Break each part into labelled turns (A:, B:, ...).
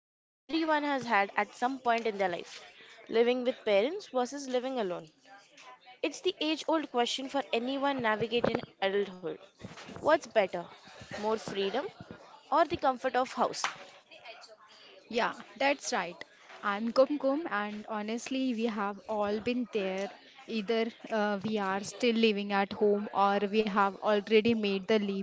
A: that everyone has had at some point in their life. Living with parents versus living alone. It's the age old question for anyone navigating adulthood. What's better, more freedom or the comfort of house?
B: Yeah, that's right. I'm Kumkum, and honestly, we have all been there. Either we are still living at home or we have already made the leap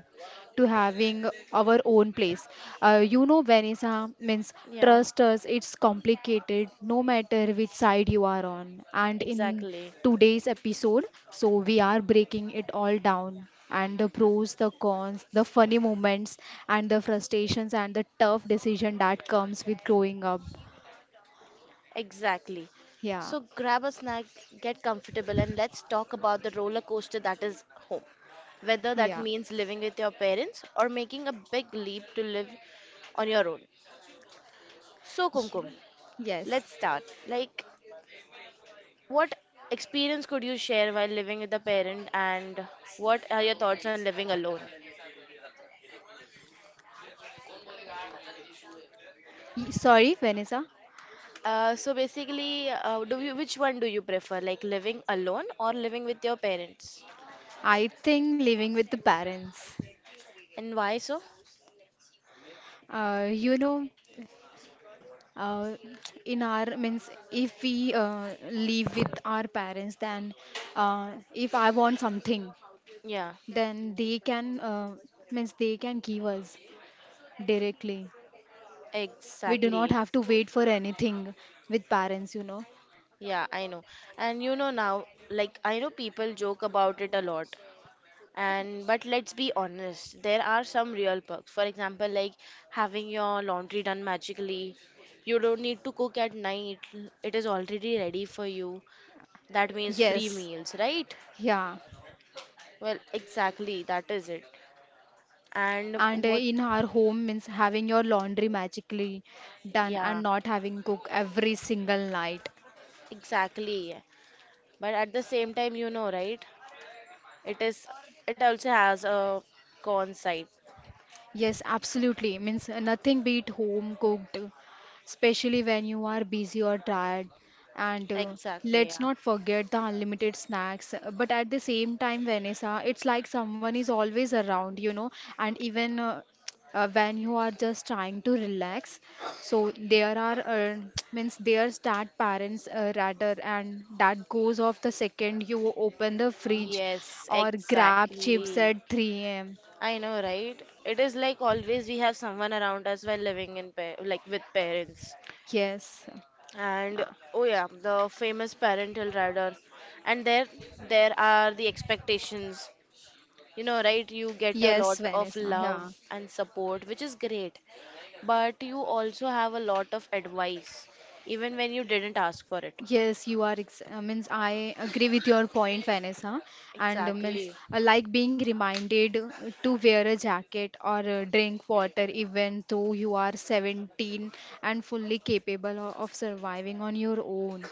B: to having our own place. You know, Vanessa means
A: Yeah,
B: trust us, it's complicated no matter which side you are on. And in
A: exactly.
B: today's episode, so we are breaking it all down and the pros, the cons, the funny moments, and the frustrations and the tough decision that comes with growing up.
A: Exactly.
B: Yeah,
A: So grab a snack, get comfortable, and let's talk about the roller coaster that is home. Whether that
B: yeah.
A: means living with your parents or making a big leap to live on your own. So, Kumkum,
B: Ye- Yes.
A: let's start. Like, what experience could you share while living with a parent, and what are your thoughts on living alone?
B: Sorry, Vanessa.
A: So basically, which one do you prefer, like living alone or living with your parents?
B: I think living with the parents.
A: And why so?
B: You know, uh, in our means if we live with our parents then, if I want something
A: Yeah,
B: then they can, means they can give us directly. We do not
A: exactly.
B: have to wait for anything with parents, you know.
A: Yeah, I know. And now, like I know people joke about it a lot. And but let's be honest, there are some real perks. For example, like having your laundry done magically. You don't need to cook at night. It is already ready for you. That means free
B: Yes,
A: meals, right?
B: yeah.
A: Well, exactly, that is it. And
B: And
A: what,
B: in our home means having your laundry magically done and
A: yeah,
B: not having cook every single night.
A: exactly. But at the same time, you know, right? It is, it also has a con side.
B: Yes, absolutely. Means nothing beat home cooked, especially when you are busy or tired. And
A: Exactly,
B: let's
A: yeah.
B: not forget the unlimited snacks. But at the same time, Vanessa, it's like someone is always around, you know. And even when you are just trying to relax, so there are means there's that parents rather, and that goes off the second you open the fridge
A: Yes,
B: or grab chips
A: exactly.
B: at 3 a.m.
A: I know, right? It is like always we have someone around us while living in pa like with parents.
B: Yes.
A: And
B: Uh,
A: oh yeah, the famous parental radar. And there are the expectations. You know, right? You get a
B: Yes,
A: lot of
B: Vanessa.
A: love
B: Yeah.
A: and support, which is great. But you also have a lot of advice, even when you didn't ask for it.
B: Yes, you are. Ex means I agree with your point, Vanessa. And means
A: Exactly.
B: I like being reminded to wear a jacket or drink water, even though you are 17 and fully capable of surviving on your own.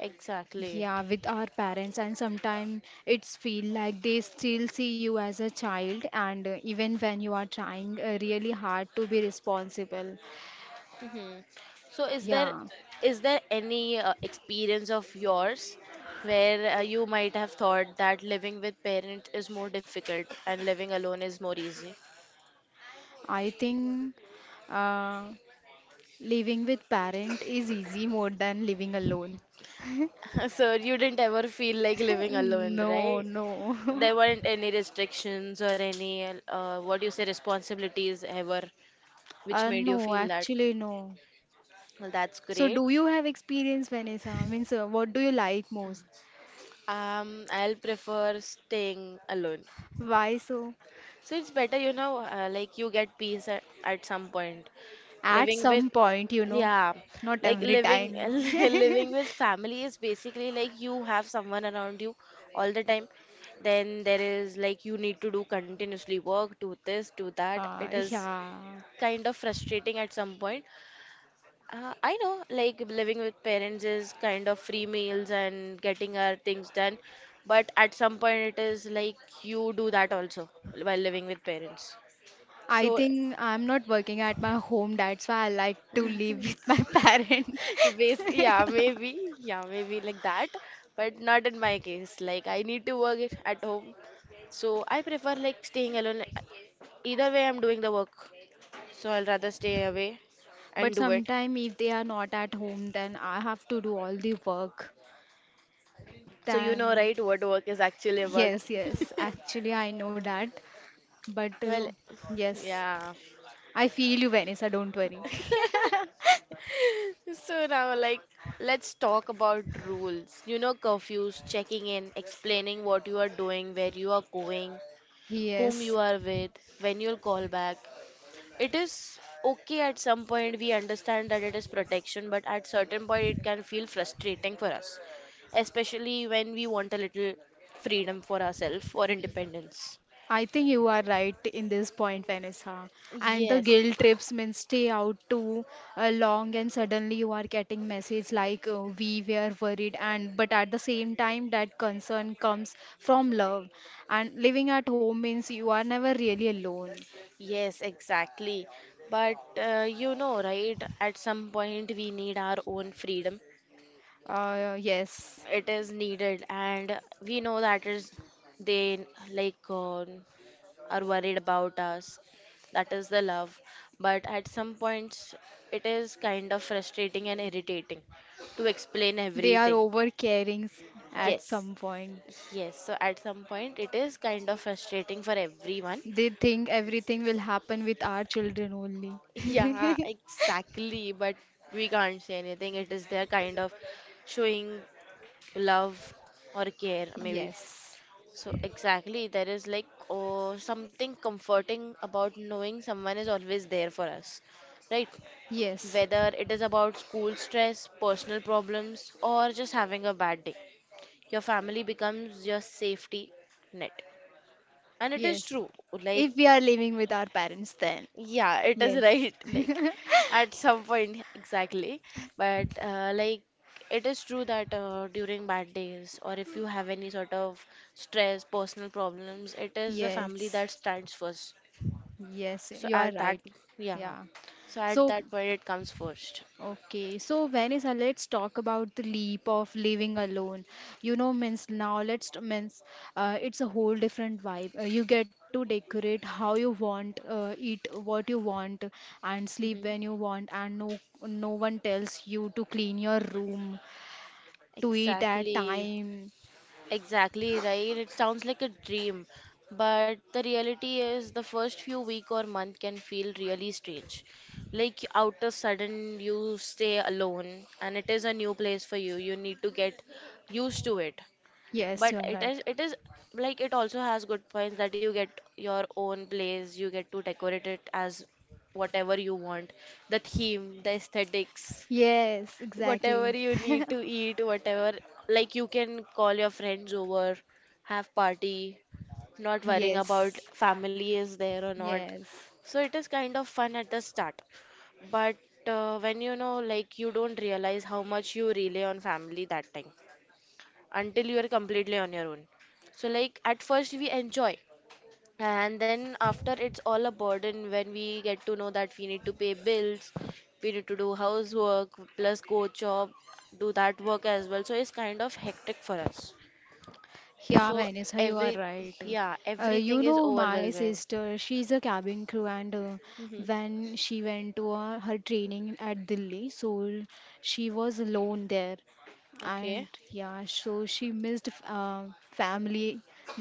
A: Exactly.
B: Yeah, with our parents, and sometimes it's feel like they still see you as a child, and even when you are trying really hard to be responsible.
A: Hmm. So is there
B: Yeah.
A: is there any experience of yours where you might have thought that living with parent is more difficult and living alone is more easy?
B: I think uh, living with parent is easy more than living alone.
A: So you didn't ever feel like living alone,
B: No,
A: right?
B: no.
A: There weren't any restrictions or any what do you say responsibilities ever which made you
B: No,
A: feel that.
B: actually, no.
A: Well, that's
B: So,
A: great.
B: do you have experience, Vanessa? Means, what do you like most?
A: Um, I'll prefer staying alone.
B: Why so?
A: So it's better, like you get peace at some point.
B: At
A: Living with,
B: some point, you know,
A: yeah,
B: not
A: like
B: every
A: living
B: time.
A: living with family is basically like you have someone around you all the time. Then there is like you need to do continuously work, do this, do that. It is
B: Yeah.
A: kind of frustrating at some point. I know, like living with parents is kind of free meals and getting our things done, but at some point it is like you do that also while living with parents.
B: I
A: So,
B: think I'm not working at my home. That's why I like to live with my parent.
A: yeah, maybe like that, but not in my case. Like, I need to work it at home, so I prefer like staying alone. Either way, I'm doing the work, so I'll rather stay away and
B: But
A: do it.
B: sometimes, if they are not at home, then I have to do all the work.
A: So, you know,
B: Then,
A: right, what work is actually about.
B: yes, yes, actually, I know that. But
A: Well,
B: yes,
A: yeah.
B: I feel you, Vanessa, don't worry.
A: So now, like, let's talk about rules. You know, curfews, checking in, explaining what you are doing, where you are going, whom you
B: Yes,
A: are with, when you'll call back. It is okay at some point, we understand that it is protection, but at certain point, it can feel frustrating for us, especially when we want a little freedom for ourselves or independence.
B: I think you are right in this point, Vanessa. And the
A: Yes,
B: guilt trips means stay out too long, and suddenly you are getting message like we were worried, and but at the same time that concern comes from love. And living at home means you are never really alone.
A: yes, exactly. But you know, right? At some point, we need our own freedom.
B: Yes,
A: It is needed, and we know that is they like, are worried about us. That is the love. But at some points, it is kind of frustrating and irritating to explain
B: they are
A: everything.
B: over caring at
A: Yes.
B: some point.
A: Yes, so at some point, it is kind of frustrating for everyone.
B: They think everything will happen with our children only.
A: Yeah, exactly. But we can't say anything. It is their kind of showing love or care, maybe.
B: Yes.
A: So, exactly, there is like oh, something comforting about knowing someone is always there for us, right?
B: Yes.
A: Whether it is about school stress, personal problems, or just having a bad day, your family becomes your safety net. And it is
B: Yes.
A: true, like,
B: If we are living with our parents, then
A: yeah, it is
B: yes.
A: right, like, at some point, exactly. But, like, it is true that during bad days, or if you have any sort of stress, personal problems, it is the family
B: Yes.
A: that stands first.
B: Yes.
A: So,
B: You are
A: at that,
B: right.
A: yeah,
B: Yeah.
A: so at
B: So,
A: that point, it comes first.
B: okay. So, Vanessa, let's talk about the leap of living alone. You know, means now let's means it's a whole different vibe. You get to decorate how you want, eat what you want, and sleep
A: Hmm.
B: when you want, and no one tells you to clean your room, to eat at
A: Exactly.
B: time.
A: Exactly right. It sounds like a dream, but the reality is the first few week or month can feel really strange. Like out of sudden you stay alone and it is a new place for you. You need to get used to it.
B: Yes,
A: But
B: you are
A: it
B: right.
A: is it is like it also has good points that you get your own place, you get to decorate it as whatever you want, the theme, the aesthetics.
B: Yes,
A: Whatever
B: exactly.
A: you need to eat, whatever, like you can call your friends over, have party, not worrying about
B: Yes,
A: family is there or not.
B: yes.
A: So it is kind of fun at the start. But when like you don't realize how much you rely on family that time until you are completely on your own. So like at first we enjoy, and then after it's all a burden when we get to know that we need to pay bills, we need to do housework, plus go job, do that work as well. So it's kind of hectic for us.
B: Yeah,
A: So
B: Vanessa, you are
A: every,
B: right.
A: yeah, everything
B: You
A: is
B: know, my
A: overwhelming.
B: sister, she's a cabin crew, and
A: Hmm.
B: when she went to her training at Delhi, so she was alone there.
A: Okay.
B: And yeah, so she missed family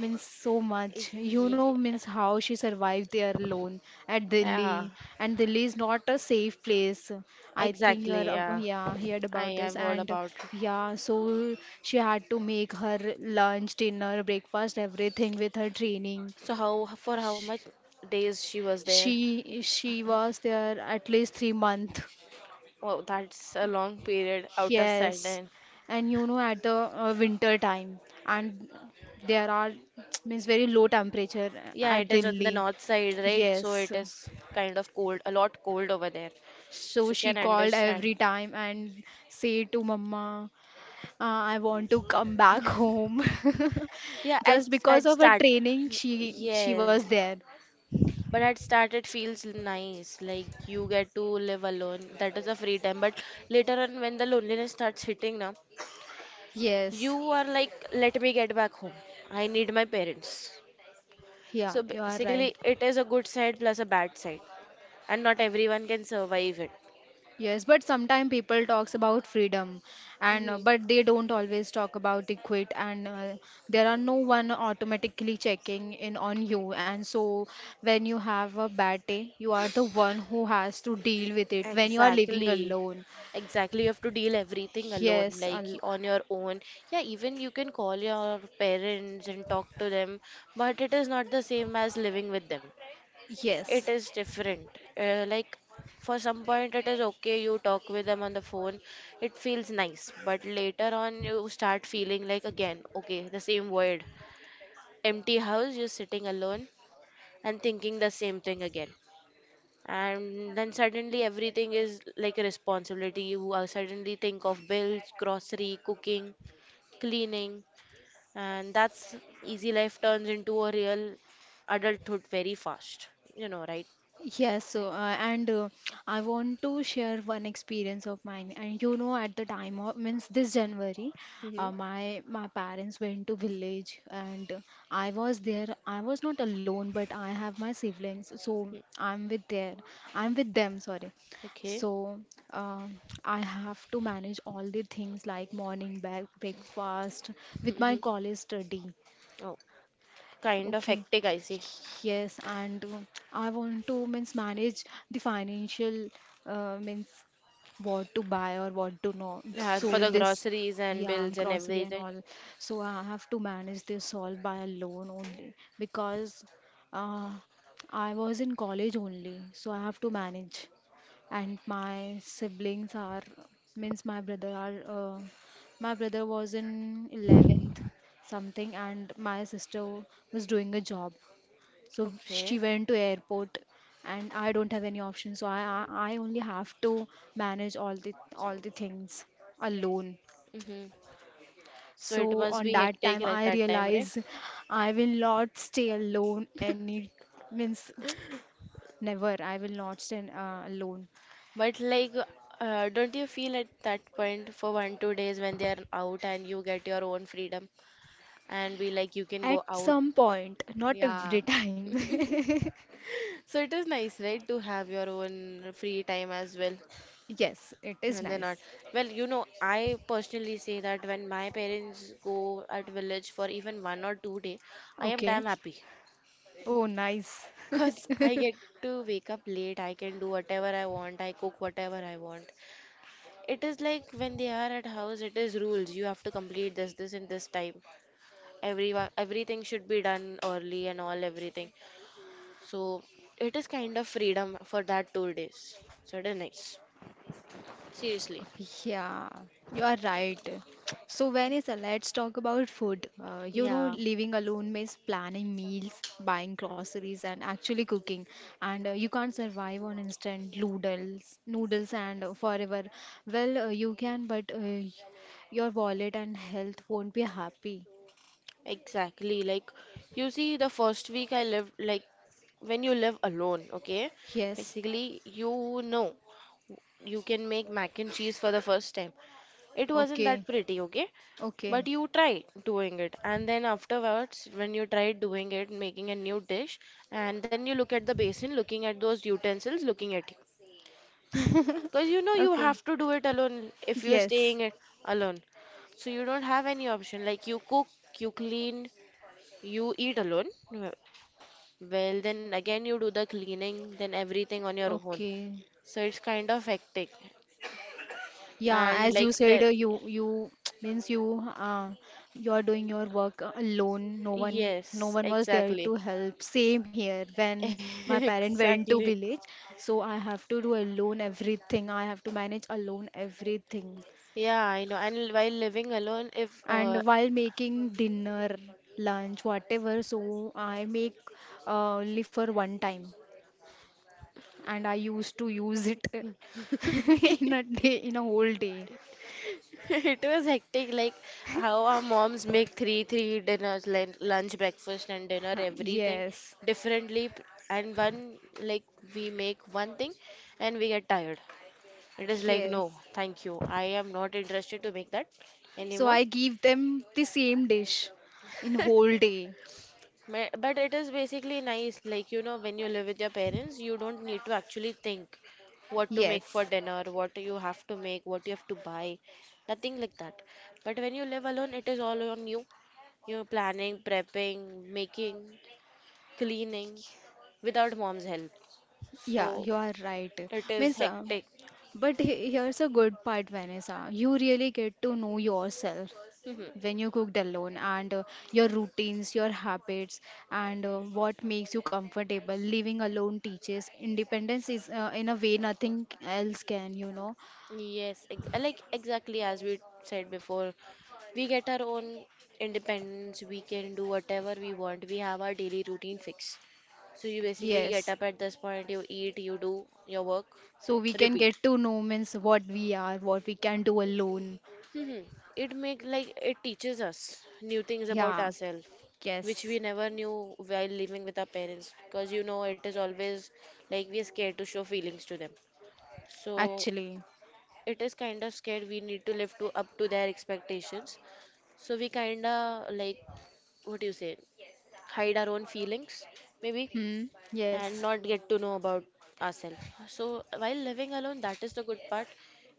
B: means so much,
A: Y-
B: you
A: y-
B: know, means how she survived there alone at Delhi.
A: Yeah,
B: And Delhi is not a safe place. I think you are
A: exactly. Yeah,
B: yeah, heard about
A: I've
B: this.
A: heard
B: And
A: about it.
B: yeah, so she had to make her lunch, dinner, breakfast, everything with her training.
A: So how for how much days she was there?
B: She was there at least 3 months.
A: Oh, that's a long period out of
B: Yes,
A: sudden.
B: and you know at the winter time, and there are means very low temperature
A: Yeah,
B: at
A: it is on the
B: Delhi.
A: north side, right? So
B: Yes,
A: it is kind of cold, a lot cold over there.
B: so
A: So
B: she
A: can
B: called
A: understand.
B: every time and say to Mama, I want to come back home.
A: Yeah, at
B: Just because
A: at
B: of her
A: start,
B: training, she
A: yes.
B: was there.
A: But at start it feels nice, like you get to live alone. That is a free time. But later on, when the loneliness starts hitting, now
B: Yes,
A: you are like, let me get back home. I need my parents.
B: yeah,
A: So
B: you are right.
A: basically, it is a good side plus a bad side, and not everyone can survive
B: Yes, but sometimes people talks about freedom and
A: it.
B: but they don't always talk about it quit and there are no one automatically checking in on you. And so, when you have a bad day, you are the one who has to deal with it when you are living
A: Exactly.
B: alone.
A: Exactly. You have to deal everything alone,
B: Yes,
A: like on your own. Yeah, even you can call your parents and talk to them, but it is not the same as living with them. It
B: yes.
A: is different. Like for some point it is okay you talk with them on the phone. It feels nice, but later on you start feeling like again, okay, the same word. Empty house, you're sitting alone and thinking the same thing again and then suddenly everything is like a responsibility you suddenly think of bills, grocery, cooking, cleaning, and that's easy life turns into a real adulthood very fast, you know, right?
B: Yes, so, and I want to share one experience of mine. And you know, at the time of means this January,
A: Mm-hmm.
B: my my parents went to village, and I was there. I was not alone, but I have my siblings, so
A: Hmm.
B: I'm with there. I'm with them. Sorry.
A: Okay.
B: So uh, I have to manage all the things like morning bag, breakfast with my
A: Mhm.
B: college study.
A: Oh, kind of
B: Okay.
A: hectic, I see.
B: Yes, and I want to means manage the financial means what to buy or what to know.
A: Yeah,
B: So
A: for the
B: this,
A: groceries and
B: yeah,
A: bills and
B: grocery and
A: everything.
B: all. So I have to manage this all by a loan only because uh, I was in college only. So I have to manage, and my siblings are means my brother are my brother was in 11th something, and my sister was doing a job, so she
A: Okay.
B: went to airport, and I don't have any option. So I only have to manage all the things alone.
A: Hmm, so it
B: So
A: must
B: on
A: be
B: that
A: hectic
B: time
A: like
B: I
A: that time, right?
B: realize I will not stay alone any means never I will not stay alone
A: But like, don't you feel at that point for 1 2 days when they are out and you get your own freedom and be like you can
B: at
A: go out?
B: some point, not every
A: Yeah.
B: time.
A: So it is nice, right, to have your own free time as well.
B: Yes, it is
A: And they're not.
B: nice.
A: Well, you know, I personally say that when my parents go at village for even 1 or 2 day, I am damn
B: Okay.
A: happy.
B: Oh, nice.
A: Because I get to wake up late, I can do whatever I want, I cook whatever I want. It is like when they are at house, it is rules. You have to complete this, this, and this time. Everyone, everything should be done early and all everything. So it is kind of freedom for that 2 days. So it is nice. Seriously.
B: Yeah, you are right. So, Vanessa, let's talk about food. You know,
A: Yeah,
B: living alone means planning meals, buying groceries, and actually cooking. And you can't survive on instant noodles, noodles, and forever. Well, you can, but your wallet and health won't be happy.
A: exactly. Like, you see, the first week I lived, like, when you live alone, okay?
B: Yes.
A: Basically, you know you can make mac and cheese for the first time. It wasn't
B: Okay.
A: that pretty, okay?
B: Okay.
A: But you tried doing it, and then afterwards, when you tried doing it, making a new dish, and then you look at the basin, looking at those utensils, looking at you. Because you know you
B: Okay.
A: have to do it alone if you're
B: Yes.
A: staying it alone. So you don't have any option. Like you cook, you clean, you eat alone. Well, then again you do the cleaning, then everything on your own.
B: Okay.
A: So it's kind of hectic.
B: Yeah,
A: And
B: as you said, you means you you're doing your work alone. No one no
A: yes,
B: one was there
A: exactly.
B: to help. Same here. When my parent went to
A: Exactly.
B: village, so I have to do alone everything. I have to manage alone everything.
A: Yeah, I know. And while living alone, if
B: And while making dinner, lunch, whatever, so I make only for one time, and I used to use it in a day, in a whole day.
A: it was hectic, like how our moms make three dinners, lunch, breakfast, and dinner,
B: Ha,
A: everything
B: Yes,
A: differently, and one like we make one thing, and we get tired. It is like no,
B: yes.
A: thank you. I am not interested to make that
B: So
A: anymore.
B: I give them the same dish in whole day.
A: But it is basically nice, like, you know, when you live with your parents, you don't need to actually think what to make for
B: Yes.
A: dinner, what you have to make, what you have to buy, nothing like that. But when you live alone, it is all on you. You're planning, prepping, making, cleaning without mom's help.
B: Yeah, you
A: So
B: are right.
A: it is
B: Means,
A: hectic.
B: but here's a good part, Vanessa. You really get to know yourself when you cooked alone and your routines, your habits, and what makes you comfortable. Living alone teaches independence is in a way nothing else can, you know.
A: Yes, ex like exactly, as we said before, we get our own independence. We can do whatever we want, we have our daily routine fixed. So you basically
B: Yes.
A: get up at this point, you eat, you do your work,
B: So we can
A: repeat.
B: get to know means what we are, what we can do alone.
A: Hmm. It make like it teaches us new things about
B: Yeah.
A: ourselves, which we
B: Yes.
A: never knew while living with our parents, because you know it is always like we are scared to show feelings to them. So
B: Actually,
A: it is kind of scared, we need to live to up to their expectations. So we kinda like, what do you say, hide our own feelings, maybe,
B: hmm,
A: and
B: yes,
A: not get to know about ourselves. So while living alone, that is the good part.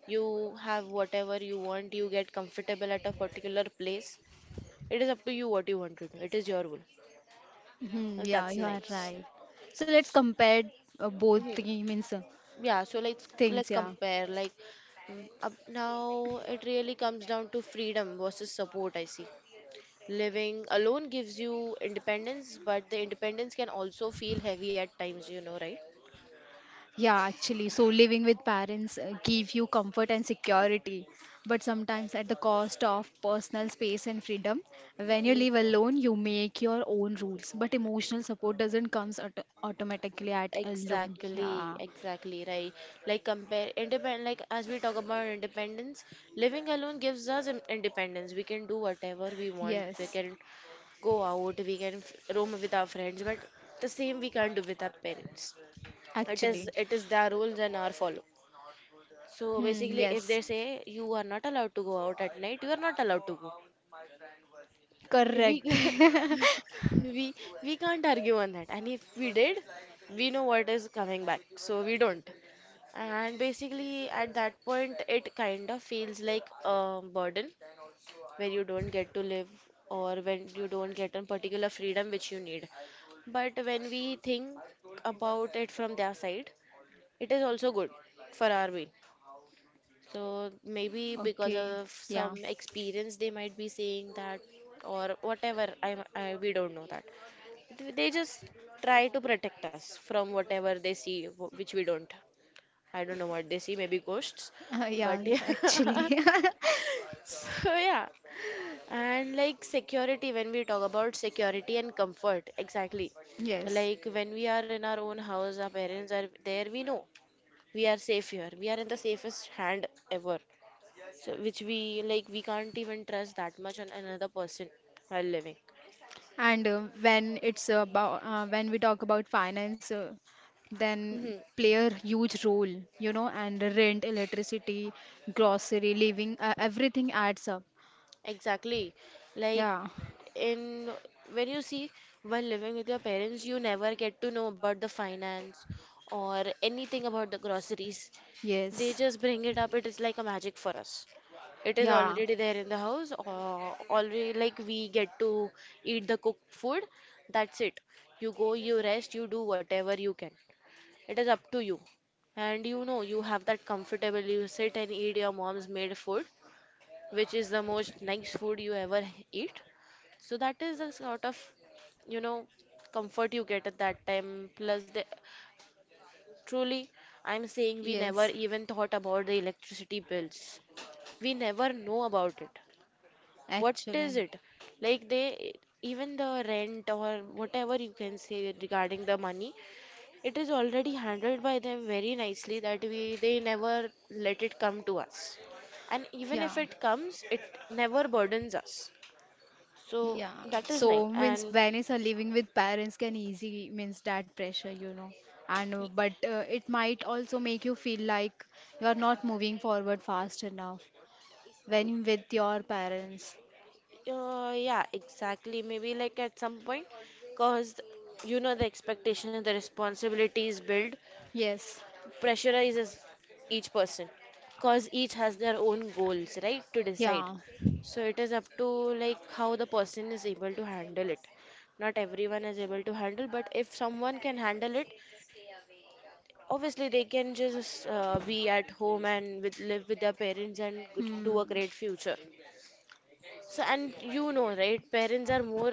A: You have whatever you want, you get comfortable at a particular place. It is up to you what you want to do. It is your rule.
B: hmm,
A: And
B: yeah,
A: that's
B: you are
A: nice.
B: right. So let's compare both
A: Mhm.
B: the means
A: Yeah, so let's
B: things, yeah,
A: compare, like, up now it really comes down to freedom versus support, I see. Living alone gives you independence, but the independence can also feel heavy at times, you know, right?
B: yeah. Actually, so living with parents give you comfort and security, but sometimes at the cost of personal space and freedom. When you
A: Mhm.
B: live alone, you make your own rules, but emotional support doesn't comes automatically at alone. Yeah,
A: Exactly, exactly, right. Like compare independent, like as we talk about independence, living alone gives us independence. We can do whatever we want. We
B: yes,
A: can go out, we can roam with our friends, but the same we can't do with our parents. It is
B: actually,
A: it is their rules and our follow. So
B: hmm,
A: basically if
B: yes,
A: they say you are not allowed to go out at night, you are not allowed to go. we
B: correct.
A: ca- we we can't argue on that, and if we did, we know what is coming back, so we don't. And basically at that point it kind of feels like a burden, where you don't get to live, or when you don't get a particular freedom which you need. But when we think about it from their side, it is also good for our being. So maybe because
B: Okay,
A: of
B: yeah.
A: some experience, they might be saying that, or whatever. We don't know that. They just try to protect us from whatever they see, which we don't. I don't know what they see. Maybe ghosts, but
B: Yeah,
A: yeah.
B: actually.
A: So yeah, and like security, when we talk about security and comfort, exactly.
B: Yes.
A: Like when we are in our own house, our parents are there. We know we are safe here. We are in the safest hand ever, so which we, like, we can't even trust that much on another person while living.
B: And when it's about when we talk about finance, then
A: Hmm,
B: play a huge role, you know, and rent, electricity, grocery, living, everything adds up.
A: exactly. Like,
B: Yeah.
A: in when you see, while living with your parents you never get to know about the finance or anything about the groceries. They
B: Yes.
A: just bring it up. It is like a magic for us. It is
B: Yeah.
A: already there in the house, or already, like, we get to eat the cooked food. That's it. You go, you rest, you do whatever you can. It is up to you. And you know, you have that comfortable, you sit and eat your mom's made food, which is the most nice food you ever eat. So that is the sort of, you know, comfort you get at that time. Plus, the, truly, I'm saying, we never
B: Yes.
A: even thought about the electricity bills. We never know about it. What is
B: Actually.
A: it? Like, they, even the rent or whatever you can say regarding the money, it is already handled by them very nicely, that we, they never let it come to us. And even
B: Yeah.
A: if it comes, it never burdens us. So
B: Yeah,
A: that is nice.
B: so means
A: And
B: parents are living with parents can easy means that pressure, you know. And but it might also make you feel like you are not moving forward fast enough when with your parents.
A: yeah, exactly. Maybe like at some point, cause you know the expectation, the responsibilities build,
B: Yes,
A: pressurizes each person, because each has their own goals, right, to decide.
B: yeah.
A: So it is up to, like, how the person is able to handle it. Not everyone is able to handle, but if someone can handle it, obviously they can just be at home and live with their parents and do a
B: Hmm.
A: great future. So, and you know right, parents are more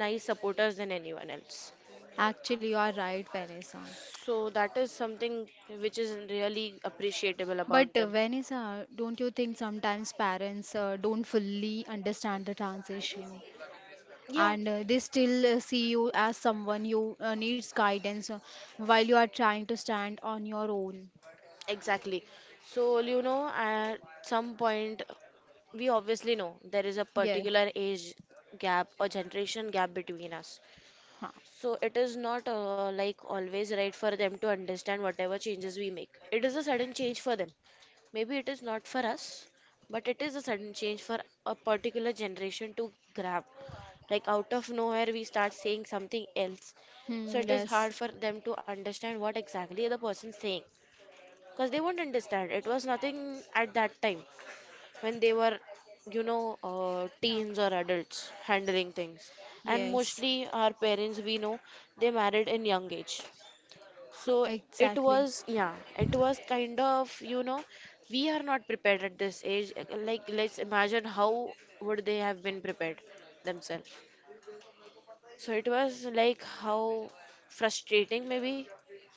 A: nice supporters than anyone else.
B: Actually, you are right, Vanessa.
A: So that is something which is really appreciable
B: But
A: about them.
B: Vanessa, don't you think sometimes parents don't fully understand the transition?
A: Yeah.
B: And they still see you as someone you needs guidance while you are trying to stand on your own.
A: Exactly. So, you know, at some point, we obviously know there is a
B: Yeah.
A: particular age gap or generation gap between us.
B: Huh.
A: So, it is not like always right for them to understand whatever changes we make. It is a sudden change for them. Maybe it is not for us, but it is a sudden change for a particular generation to grab. Like, out of nowhere, we start saying something else. So,
B: Hmm,
A: it is
B: yes.
A: hard for them to understand what exactly the person's saying, because they won't understand. It was nothing at that time when they were, you know, teens or adults handling things. And
B: Yes.
A: mostly our parents, we know, they married in young age. So it
B: Exactly.
A: was, yeah, it was kind of, you know, we are not prepared at this age. Like, let's imagine how would they have been prepared themselves. So it was like, how frustrating, maybe,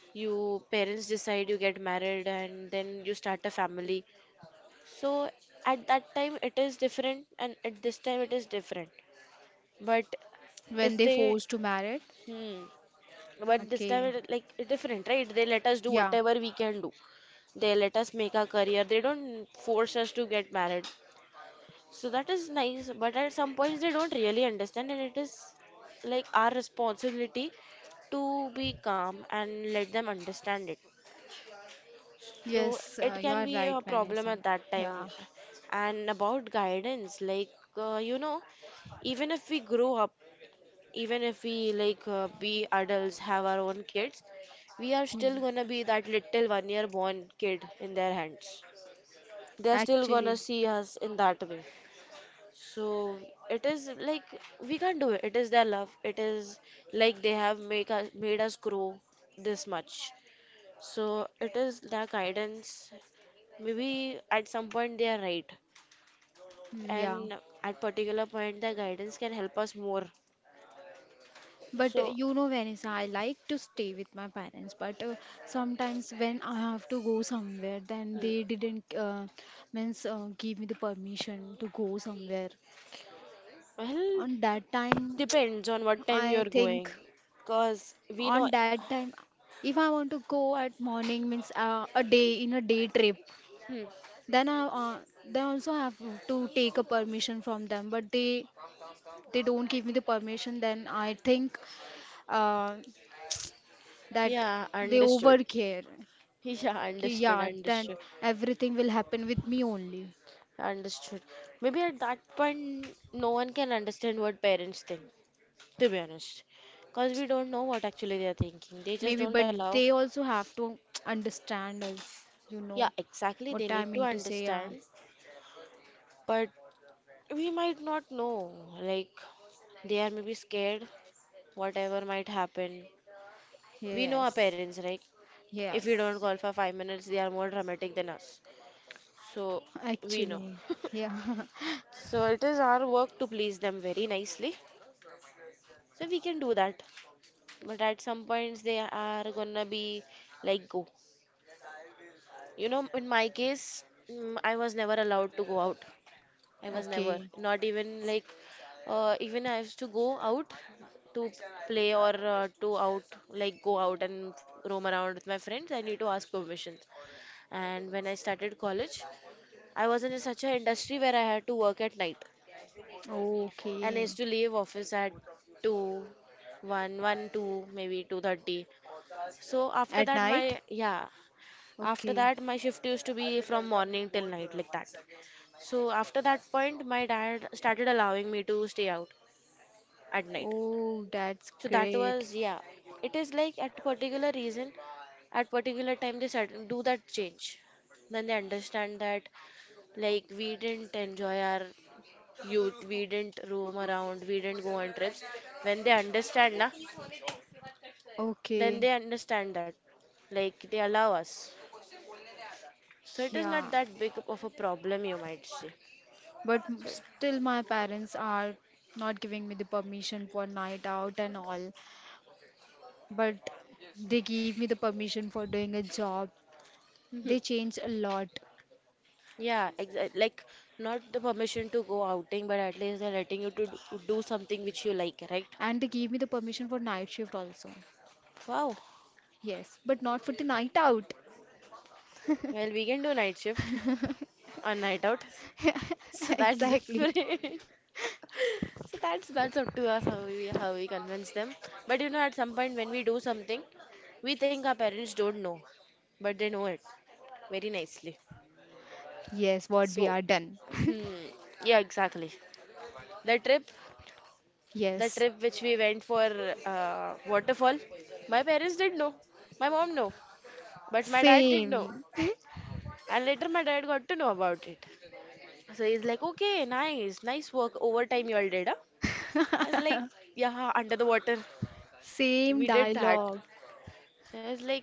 A: you parents decide you get married, and then you start a family. So at that time it is different, and at this time it is different. But
B: When
A: if
B: they
A: they,
B: forced to marry.
A: hmm, but this time
B: Okay.
A: it, like, it different, right? They let us do
B: Yeah.
A: whatever we can do. They let us make our career. They don't force us to get married. So that is nice. But at some points they don't really understand, and it is like our responsibility to be calm and let them understand it. So
B: Yes,
A: it
B: you
A: can
B: are
A: be
B: right,
A: a problem
B: Vanessa.
A: at that
B: Yeah.
A: time. And about guidance, like, you know, even if we grow up, even if we like be adults, have our own kids, we are still
B: Hmm.
A: gonna be that little 1 year born kid in their hands. They are still
B: Actually.
A: gonna see us in that way. So it is like we can't do it. It is their love. It is like they have make us made us grow this much. So it is their guidance, maybe at some point they are right,
B: Hmm, yeah.
A: and at particular point the guidance can help us more.
B: But
A: So,
B: you know, Vanessa, I like to stay with my parents, but sometimes when I have to go somewhere, then
A: hmm,
B: they didn't means give me the permission to go somewhere.
A: well,
B: On that time,
A: depends on what time
B: I
A: you're going,
B: think
A: because we know.
B: on that time, if I want to go at morning means a day in a day trip,
A: Hmm,
B: then I then also have to take a permission from them. But they don't give me the permission, then I think uh, that
A: yeah,
B: they
A: understood.
B: overcare.
A: Yeah,
B: Okay,
A: understood,
B: yeah, that
A: understood.
B: everything will happen with me only.
A: Understood. Maybe at that point no one can understand what parents think, to be honest, because we don't know what actually they are thinking, they just
B: Maybe,
A: don't
B: but
A: allow.
B: they also have to understand us, you
A: Yeah,
B: know,
A: exactly,
B: what
A: they need
B: I
A: to
B: mean to say. Yeah,
A: understand. But we might not know. Like, they are maybe scared, whatever might happen. We know our
B: yes,
A: parents, right? If we
B: yes,
A: don't call for 5 minutes, they are more dramatic than us. So, we know.
B: actually, yeah.
A: So, it is our work to please them very nicely. So, we can do that. But at some points, they are gonna be like, go. You know, in my case, mm, I was never allowed to go out. I was never,
B: Okay,
A: not even like, even I used to go out to play, or to out, like go out and roam around with my friends. I need to ask permission. And when I started college, I was in such an industry where I had to work at night, and I used
B: okay.
A: to leave office at two, one, one, 2, maybe 2:30. So after
B: At
A: that, my
B: night?
A: yeah, after
B: Okay.
A: that my shift used to be from morning till night, like that. So after that point, my dad started allowing me to stay out at night.
B: Oh, that's
A: So that
B: great.
A: was, yeah, it is like at particular reason, at particular time they sudden do that change, then they understand that, like we didn't enjoy our youth, we didn't roam around, we didn't go on trips. When they understand na, then
B: Okay,
A: they understand that, like they allow us. So it is not
B: yeah.
A: that big of a problem, you might say.
B: But
A: So
B: still, my parents are not giving me the permission for night out and all. But they gave me the permission for doing a job.
A: Mhm.
B: They changed a lot
A: Yeah, exactly. Like, not the permission to go outing, but at least they're letting you to do something which you like, right?
B: and they gave me the permission for night shift also.
A: Wow.
B: Yes, but not for the night out.
A: Well, we can do night shift on night out. So that's
B: Exactly.
A: different. So that's up to us, how we convince them. But you know, at some point when we do something, we think our parents don't know, but they know it very nicely.
B: Yes, what we
A: So,
B: are done.
A: hmm, yeah, exactly. The trip, the
B: Yes,
A: trip which we went for, waterfall, my parents didn't know. My mom know, but my dad didn't know.
B: same.
A: And later my dad got to know about it. So he's like, okay, nice, nice work. Overtime you all did, huh? I was like, yeah, under the water.
B: Same
A: We did that.
B: dialogue.
A: So I was like,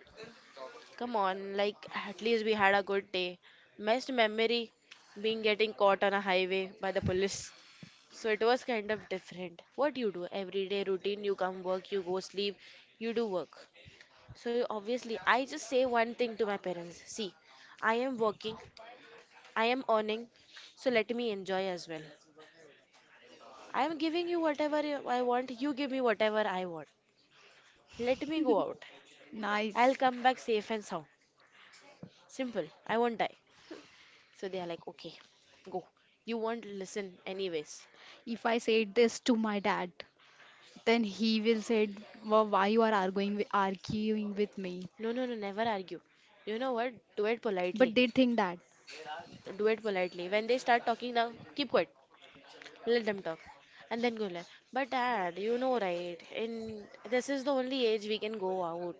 A: come on, like at least we had a good day. Best memory being getting caught on a highway by the police. So it was kind of different. What you do every day routine, you come, work, you go, sleep, you do work. So obviously, I just say one thing to my parents. See, I am working, I am earning, so let me enjoy as well. I am giving you whatever you- I want, you give me whatever I want. Let me go out.
B: Nice.
A: I'll come back safe and sound. Simple. I won't die. So they are like, okay, go. You won't listen anyways.
B: If I said this to my dad, then he will say, why you are arguing with me?
A: No, no, no, never argue. You know what? Do it politely.
B: But they think that.
A: Do it politely. When they start talking now, keep quiet. Let them talk. And then go like, but dad, you know right, in this is the only age we can go out.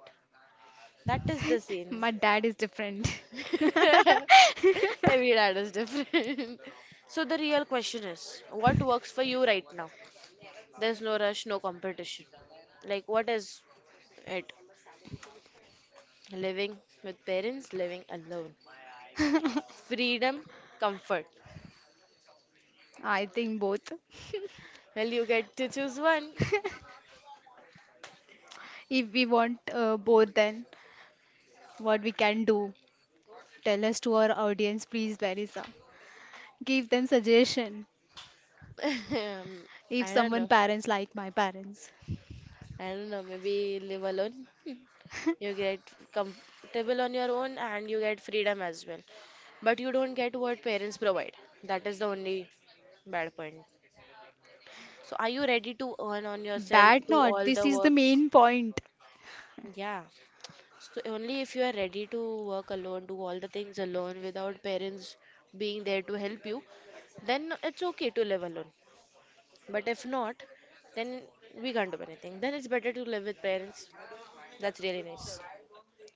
A: That is the scene.
B: My dad is different.
A: Every dad is different. So the real question is, what works for you right now? There's no rush, no competition. Like, what is it? Living with parents, living alone. Freedom, comfort.
B: I think both.
A: Well, you get to choose one.
B: If we want both, then what we can do? Tell us to our audience, please, Verisa. Give them suggestion.
A: Um,
B: If
A: I don't
B: someone
A: know.
B: parents like my parents,
A: I don't know, maybe live alone. You get comfortable on your own and you get freedom as well. But you don't get what parents provide. That is the only bad point. So are you ready to earn on yourself,
B: bad
A: do
B: not.
A: all
B: This
A: the
B: is the
A: works?
B: main point.
A: Yeah. So only if you are ready to work alone, do all the things alone without parents being there to help you, then it's okay to live alone. But if not, then we can't do anything. Then it's better to live with parents. That's really nice.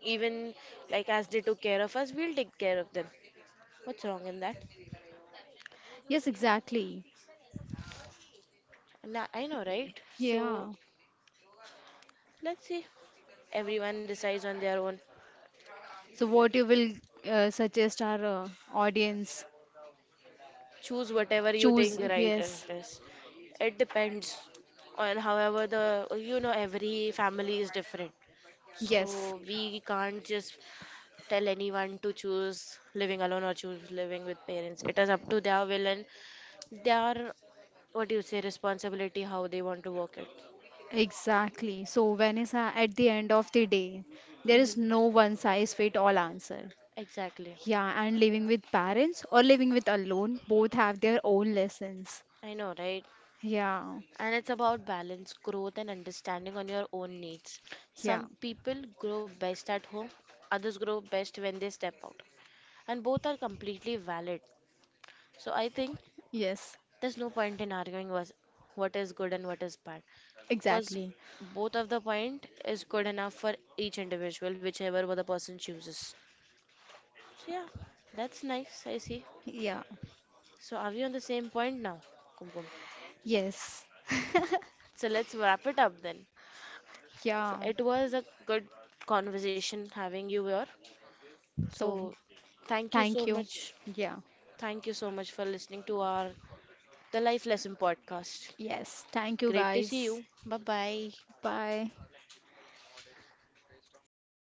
A: Even like as they took care of us, we'll take care of them. What's wrong in that?
B: Yes, exactly.
A: Nah, I know, right? So
B: Yeah.
A: let's see. Everyone decides on their own.
B: So what you will suggest our audience?
A: Choose whatever you
B: Choose
A: think right
B: yes,
A: is. It depends on however the, you know, every family is different.
B: yes.
A: So we can't just tell anyone to choose living alone or choose living with parents. It is up to their will and their, what do you say, responsibility, how they want to work it.
B: Exactly. So, Vanessa, at the end of the day, there is
A: Hmm.
B: no one size fit all answer.
A: Exactly.
B: Yeah, and living with parents or living with alone, both have their own lessons.
A: I know, right?
B: Yeah,
A: And it's about balance, growth, and understanding on your own needs.
B: yeah,
A: Some people grow best at home, others grow best when they step out. And both are completely valid. So I think
B: yes,
A: there's no point in arguing was what is good and what is bad. Because
B: exactly.
A: both of the point is good enough for each individual, whichever the person chooses. So yeah, that's nice, I see.
B: Yeah,
A: So are we on the same point now? Kumkum?
B: yes,
A: So let's wrap it up then. So
B: yeah.
A: it was a good conversation having you here.
B: So,
A: So thank you
B: thank
A: so
B: you.
A: much.
B: Yeah,
A: Thank you so much for listening to our The Life Lesson podcast.
B: yes, thank you
A: Great to see
B: guys.
A: you. Bye bye.
B: Bye.